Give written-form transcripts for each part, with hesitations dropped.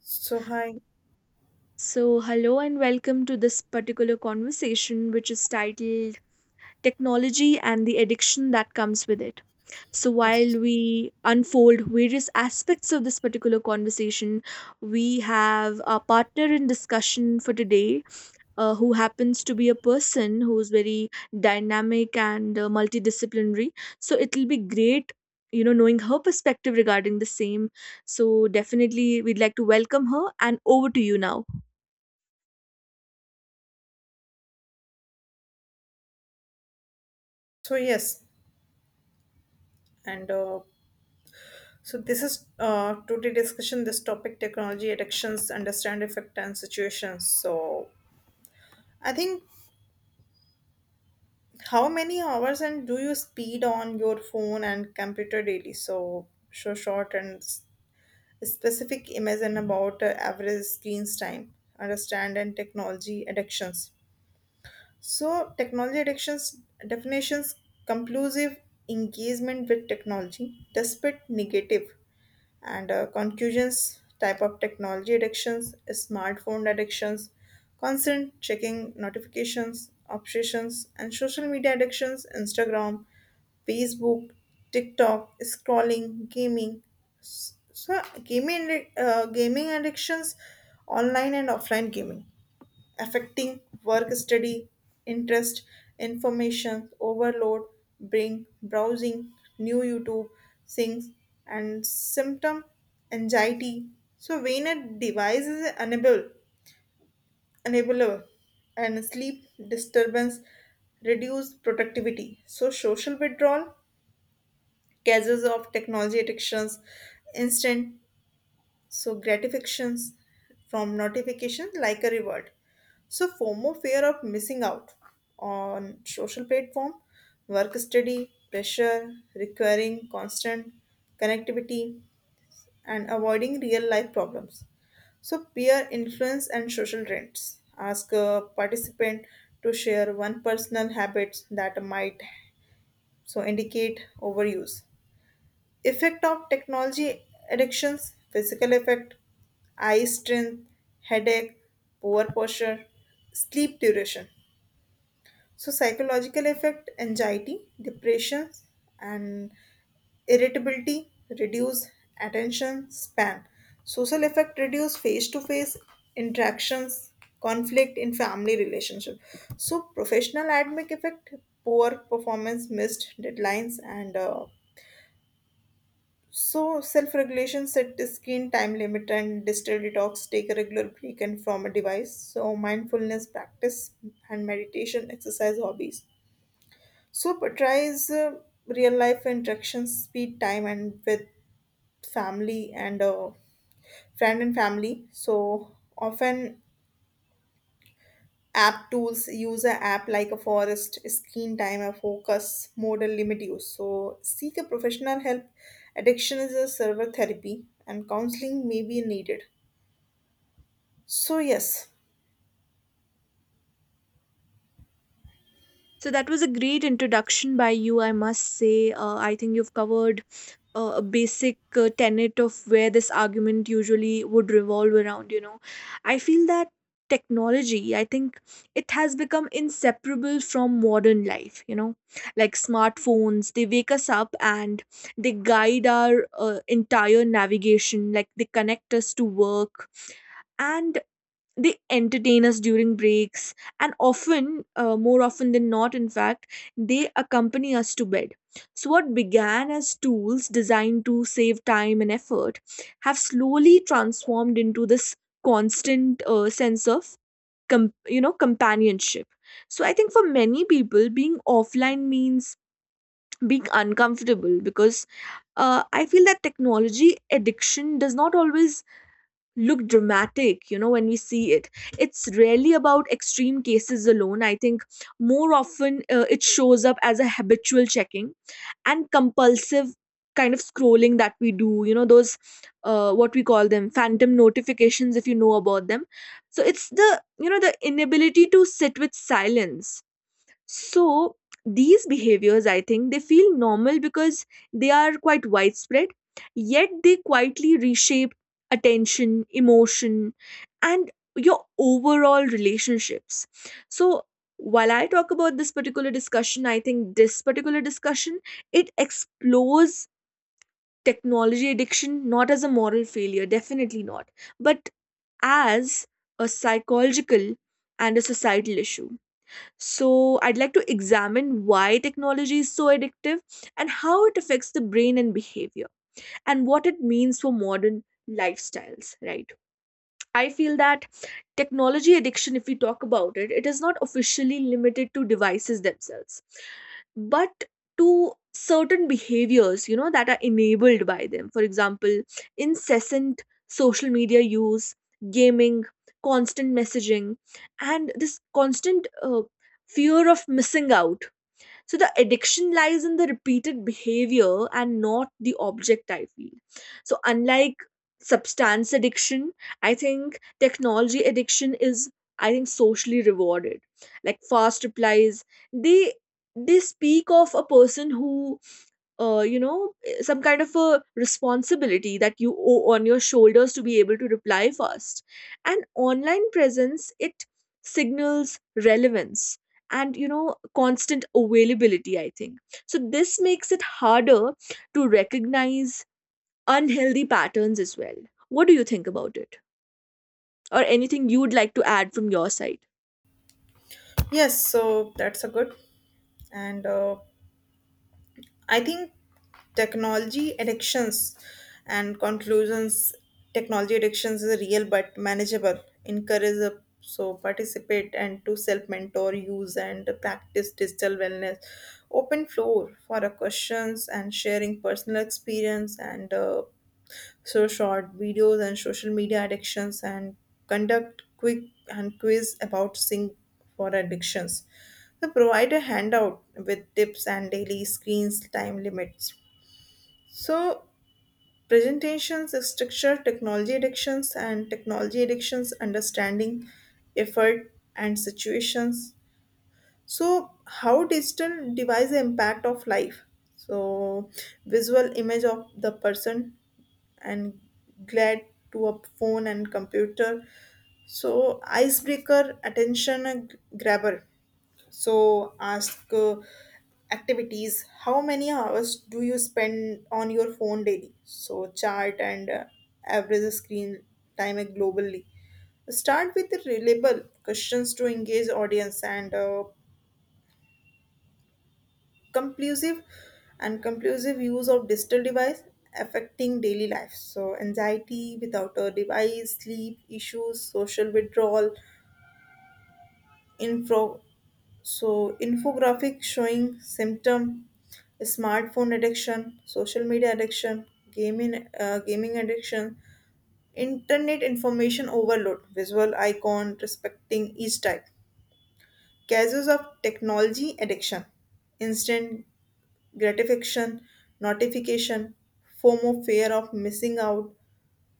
So hi, So, hello and welcome to this particular conversation, which is titled Technology and the Addiction That Comes With It. So, while yes. we unfold various aspects of this particular conversation, we have a partner in discussion for today who happens to be a person who's very dynamic and multidisciplinary. So, it'll be great, you know, knowing her perspective regarding the same. So, definitely, we'd like to welcome her, and over to you now. So yes, and so this is today discussion this topic technology addictions, understand effect and situations. So I think how many hours and do you speed on your phone and computer daily? So show short and specific imagine about average screens time. Understand and technology addictions. So technology addictions definitions conclusive engagement with technology despite negative and conclusions type of technology addictions smartphone addictions constant checking notifications obsessions and social media addictions Instagram, Facebook, TikTok scrolling gaming. So gaming addictions online and offline gaming affecting work study, interest, information overload, bring browsing, new YouTube things, and symptom anxiety. So when a device is unable and sleep disturbance reduce productivity. So social withdrawal, cases of technology addictions, instant so gratifications from notifications like a reward, so FOMO, fear of missing out on social platform, work study pressure requiring constant connectivity and avoiding real life problems, so peer influence and social trends ask a participant to share one personal habit that might so indicate overuse. Effect of technology addictions, physical effect, eye strain, headache, poor posture, sleep duration. So psychological effect, anxiety, depression, and irritability, reduce attention span. Social effect reduce face-to-face interactions, conflict in family relationship. So professional academic effect, poor performance, missed deadlines, and so, self regulation set a screen time limit and digital detox, take a regular break and from a device. So, mindfulness practice and meditation, exercise hobbies. So, prioritize real life interactions, speed time, and with family and friend and family. So, often app tools use a app like a forest screen time a focus modal limit use, so seek a professional help. Addiction is a server, therapy and counseling may be needed, so yes. So that was a great introduction by you, I must say. I think you've covered a basic tenet of where this argument usually would revolve around, you know. I feel that technology, I think it has become inseparable from modern life, you know. Like smartphones, they wake us up and they guide our entire navigation, like they connect us to work, and they entertain us during breaks, and often more often than not, in fact, they accompany us to bed. So what began as tools designed to save time and effort have slowly transformed into this constant sense of you know, companionship. So I think for many people, being offline means being uncomfortable, because I feel that technology addiction does not always look dramatic, you know. When we see it, it's rarely about extreme cases alone. I think more often it shows up as a habitual checking and compulsive kind of scrolling that we do, you know, those what we call them phantom notifications, if you know about them. So it's the, you know, the inability to sit with silence. So these behaviors, I think, they feel normal because they are quite widespread, yet they quietly reshape attention, emotion, and your overall relationships. So while I talk about this particular discussion, I think this particular discussion, it explores technology addiction not as a moral failure, definitely not, but as a psychological and a societal issue. So, I'd like to examine why technology is so addictive and how it affects the brain and behavior, and what it means for modern lifestyles, right? I feel that technology addiction, if we talk about it, it is not officially limited to devices themselves, but to certain behaviors, you know, that are enabled by them. For example, incessant social media use, gaming, constant messaging, and this constant fear of missing out. So the addiction lies in the repeated behavior and not the object, I feel. So, unlike substance addiction, I think technology addiction is, I think, socially rewarded. Like fast replies, they they speak of a person who you know, some kind of a responsibility that you owe on your shoulders to be able to reply fast. And online presence, it signals relevance and, you know, constant availability, I think. So this makes it harder to recognize unhealthy patterns as well. What do you think about it, or anything you'd like to add from your side? Yes, so that's a good and I think technology addictions and conclusions technology addictions is real but manageable. Encourage a so participate and to self mentor, use and practice digital wellness. Open floor for a questions and sharing personal experience and so short videos and social media addictions and conduct quick and quiz about sync for addictions they provide a handout with tips and daily screens time limits, so presentations structure technology addictions and technology addictions understanding effort and situations. So how digital device impact of life, so visual image of the person and glad to a phone and computer. So icebreaker, attention grabber. So ask activities. How many hours do you spend on your phone daily? So chart and average screen time globally. Start with the reliable questions to engage audience and conclusive and conclusive use of digital device affecting daily life, so anxiety without a device, sleep issues, social withdrawal, info so infographic showing symptom smartphone addiction, social media addiction, gaming addiction, internet information overload, visual icon respecting each type, cases of technology addiction, instant gratification, notification, FOMO, fear of missing out.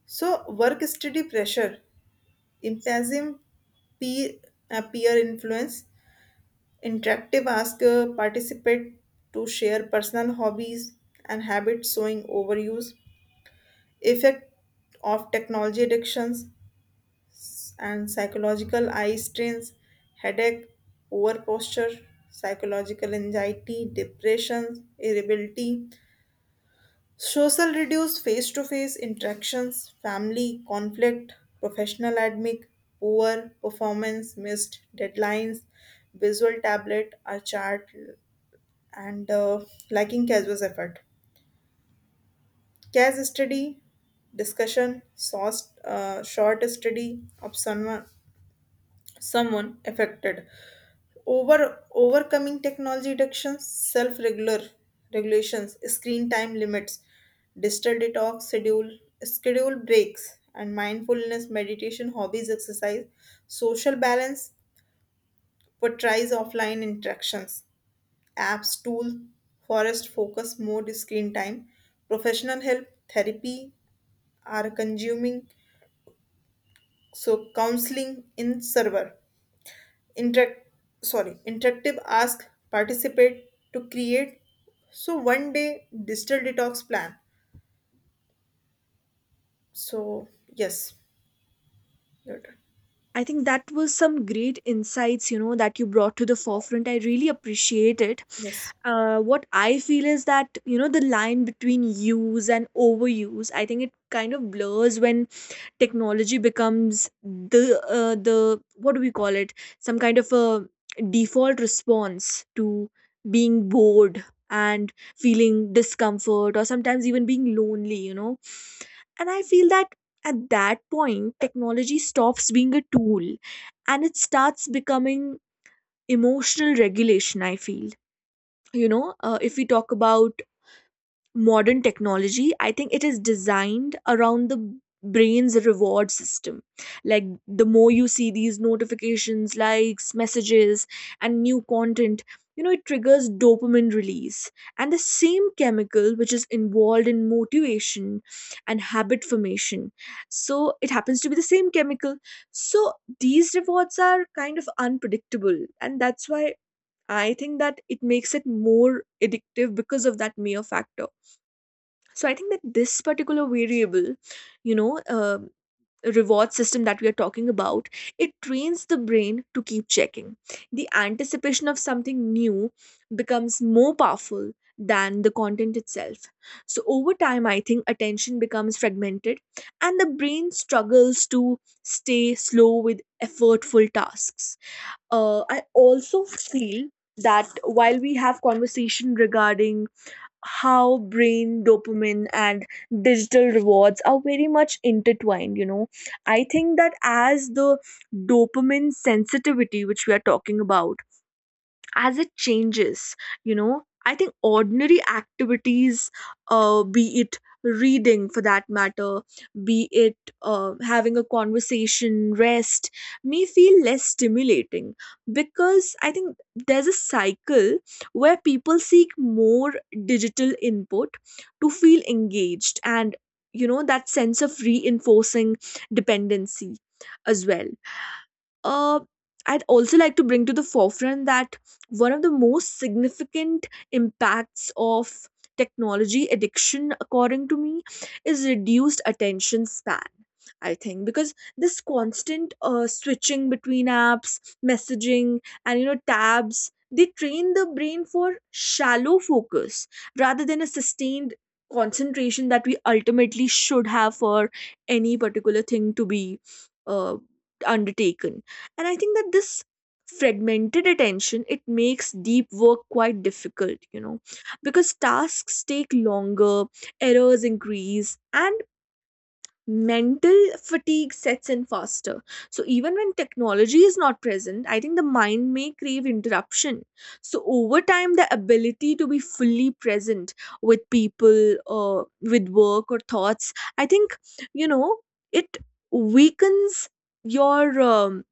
So work study pressure, impassive peer, peer influence, interactive ask participate to share personal hobbies and habits showing overuse, effect of technology addictions and psychological eye strains, headache, poor posture, psychological anxiety, depression, irritability, social reduced face to face interactions, family conflict, professional admic, poor performance, missed deadlines, visual tablet, a chart, and lacking casual effort. Cas study, discussion, source, short study of someone, someone affected. Overcoming technology reductions, self regular regulations, screen time limits, digital detox, schedule breaks and mindfulness meditation hobbies exercise, social balance portrays offline interactions, apps tool, forest focus mode screen time, professional help, therapy are consuming, so counseling in server. Interact, sorry, interactive ask participate to create so one day digital detox plan. So yes, your turn. I think that was some great insights, you know, that you brought to the forefront. I really appreciate it. Yes, What I feel is that, you know, the line between use and overuse, I think it kind of blurs when technology becomes the the what do we call it, some kind of a default response to being bored and feeling discomfort, or sometimes even being lonely, you know. And I feel that at that point, technology stops being a tool and it starts becoming emotional regulation, I feel. You know, if we talk about modern technology, I think it is designed around the brain's reward system. Like the more you see these notifications, likes, messages, and new content, you know, it triggers dopamine release, and the same chemical which is involved in motivation and habit formation. So it happens to be the same chemical. So these rewards are kind of unpredictable, and that's why I think that it makes it more addictive, because of that mere factor. So I think that this particular variable, you know, reward system that we are talking about, it trains the brain to keep checking. The anticipation of something new becomes more powerful than the content itself. So over time, I think attention becomes fragmented and the brain struggles to stay slow with effortful tasks. I also feel that while we have conversation regarding how brain dopamine and digital rewards are very much intertwined, you know, I think that as the dopamine sensitivity, which we are talking about, as it changes, you know, I think ordinary activities, be it reading, for that matter, be it having a conversation, rest, may feel less stimulating. Because I think there's a cycle where people seek more digital input to feel engaged, and, you know, that sense of reinforcing dependency as well. uh, I'd also like to bring to the forefront that one of the most significant impacts of technology addiction, according to me, is reduced attention span. I think because this constant switching between apps, messaging, and, you know, tabs, they train the brain for shallow focus rather than a sustained concentration that we ultimately should have for any particular thing to be uh, undertaken. And I think that this fragmented attention, it makes deep work quite difficult, you know, because tasks take longer, errors increase, and mental fatigue sets in faster. So even when technology is not present, I think the mind may crave interruption. So over time, the ability to be fully present with people, or with work or thoughts, I think, you know, it weakens your um,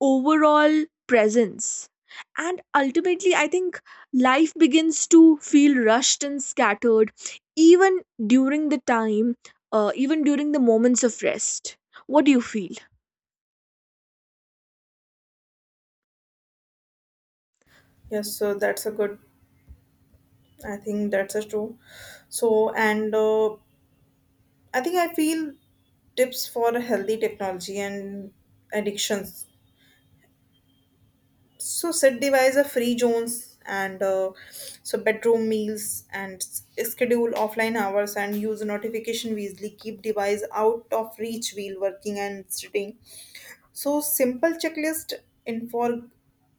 overall presence. And ultimately, I think life begins to feel rushed and scattered, even during the time, even during the moments of rest. What do you feel? yes, so that's a good, I think that's a true, so and I think I feel tips for healthy technology and addictions. So set device are free zones and so bedroom meals and schedule offline hours and use notification wisely. Keep device out of reach while working and sitting, so simple checklist, info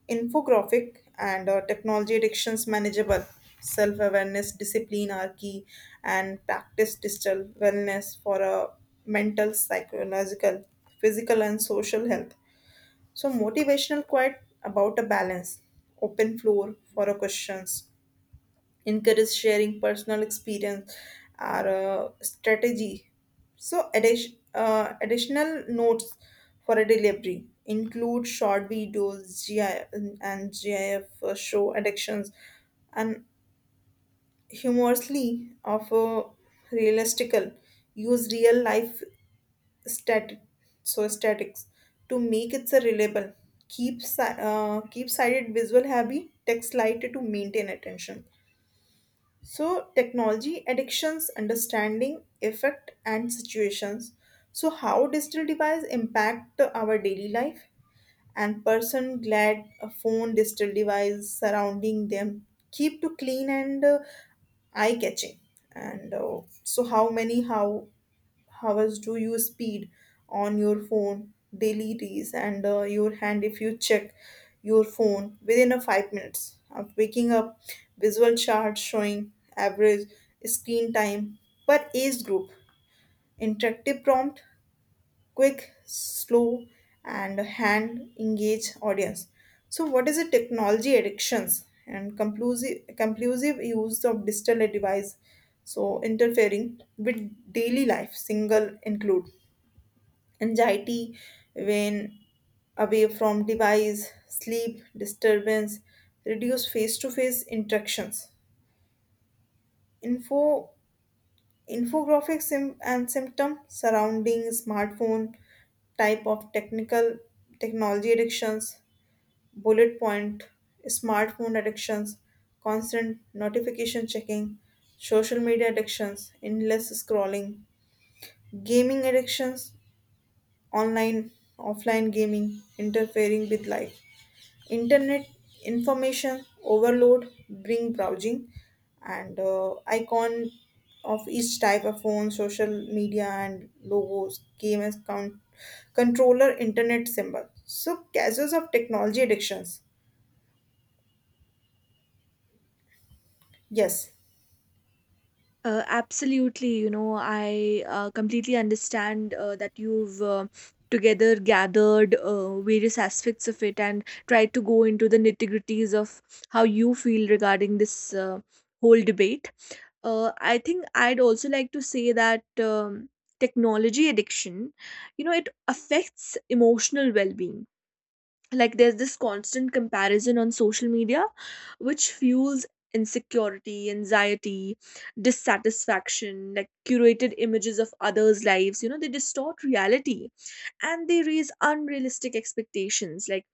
infographic, and technology addictions manageable, self awareness discipline are key and practice digital wellness for a mental, psychological, physical and social health. So motivational quite about a balance, open floor for a questions, encourage sharing personal experience or strategy. So addition, additional notes for a delivery include short videos GI, and GIF show addictions and humorously of a realistical use real life static, so statics to make it so reliable. Keep keep cited visual happy text light to maintain attention. So technology addictions understanding effect and situations, so how digital devices impact our daily life and person glad a phone digital device surrounding them, keep to clean and eye catching, and so how many how hours do you speed on your phone daily days and your hand if you check your phone within a 5 minutes of waking up, visual chart showing average screen time per age group, interactive prompt, quick slow and hand engage audience. So what is the technology addictions and conclusive, conclusive use of digital device so interfering with daily life single include anxiety when away from device, sleep disturbance, reduce face-to-face interactions. Info infographic sim- and symptom surrounding smartphone, type of technical technology addictions, bullet point smartphone addictions, constant notification checking, social media addictions, endless scrolling, gaming addictions, online offline gaming interfering with life, internet information overload, bring browsing, and icon of each type of phone, social media and logos, game as count controller, internet symbol, so causes of technology addictions. Yes. Absolutely, you know, I completely understand that you've together gathered various aspects of it and tried to go into the nitty-gritties of how you feel regarding this whole debate. I think I'd also like to say that technology addiction, you know, it affects emotional well-being. Like there's this constant comparison on social media, which fuels insecurity, anxiety, dissatisfaction. Like curated images of others' lives, you know, they distort reality and they raise unrealistic expectations. Like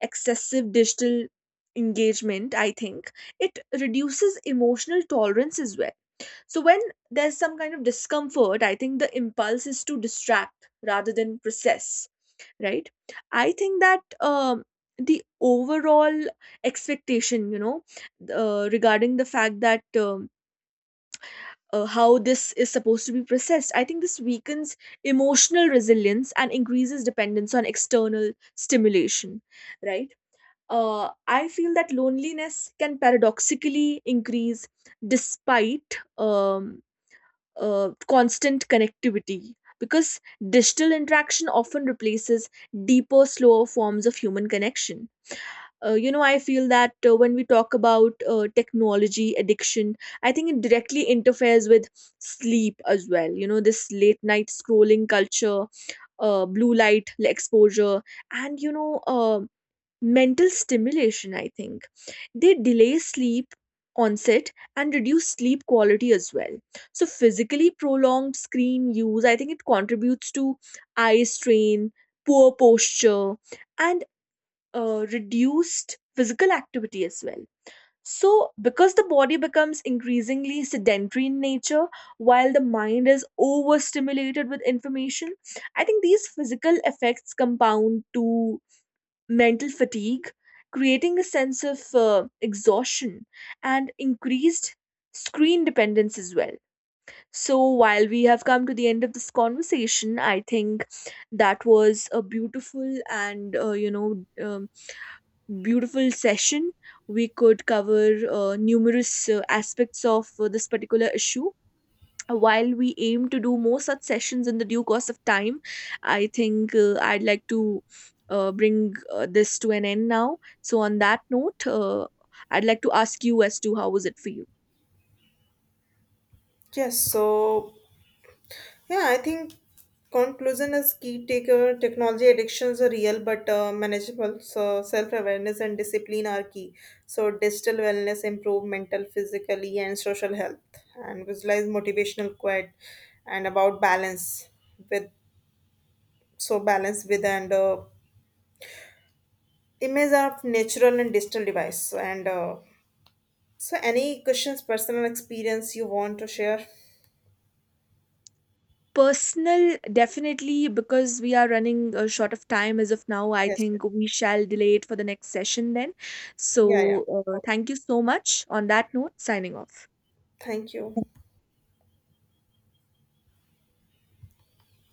excessive digital engagement, I think, it reduces emotional tolerance as well. So when there's some kind of discomfort, I think the impulse is to distract rather than process, right? I think that the overall expectation, you know, regarding the fact that how this is supposed to be processed, I think this weakens emotional resilience and increases dependence on external stimulation, right? uh, I feel that loneliness can paradoxically increase despite um, constant connectivity, because digital interaction often replaces deeper, slower forms of human connection. You know, I feel that when we talk about technology addiction, I think it directly interferes with sleep as well. You know, this late night scrolling culture, blue light exposure, and, you know, mental stimulation, I think they delay sleep onset and reduce sleep quality as well. So physically, prolonged screen use, I think, it contributes to eye strain, poor posture, and reduced physical activity as well. So because the body becomes increasingly sedentary in nature while the mind is overstimulated with information, I think these physical effects compound to mental fatigue, creating a sense of exhaustion and increased screen dependence as well. So, while we have come to the end of this conversation, I think that was a beautiful and, you know, beautiful session. We could cover numerous aspects of this particular issue. While we aim to do more such sessions in the due course of time, I think I'd like to bring this to an end now. So, on that note, I'd like to ask you as to how was it for you? Yes, so yeah, I think conclusion is key. Taker technology addictions are real but manageable. So self awareness and discipline are key. So digital wellness improve mental, physically, and social health, and visualize motivational quote and about balance with, so balance with and image of natural and digital device and so any questions personal experience you want to share. Personal, definitely, because we are running short of time as of now, I Yes, yes. think we shall delay it for the next session then. Yeah, yeah. So, Okay, thank you so much. On that note, signing off. thank you.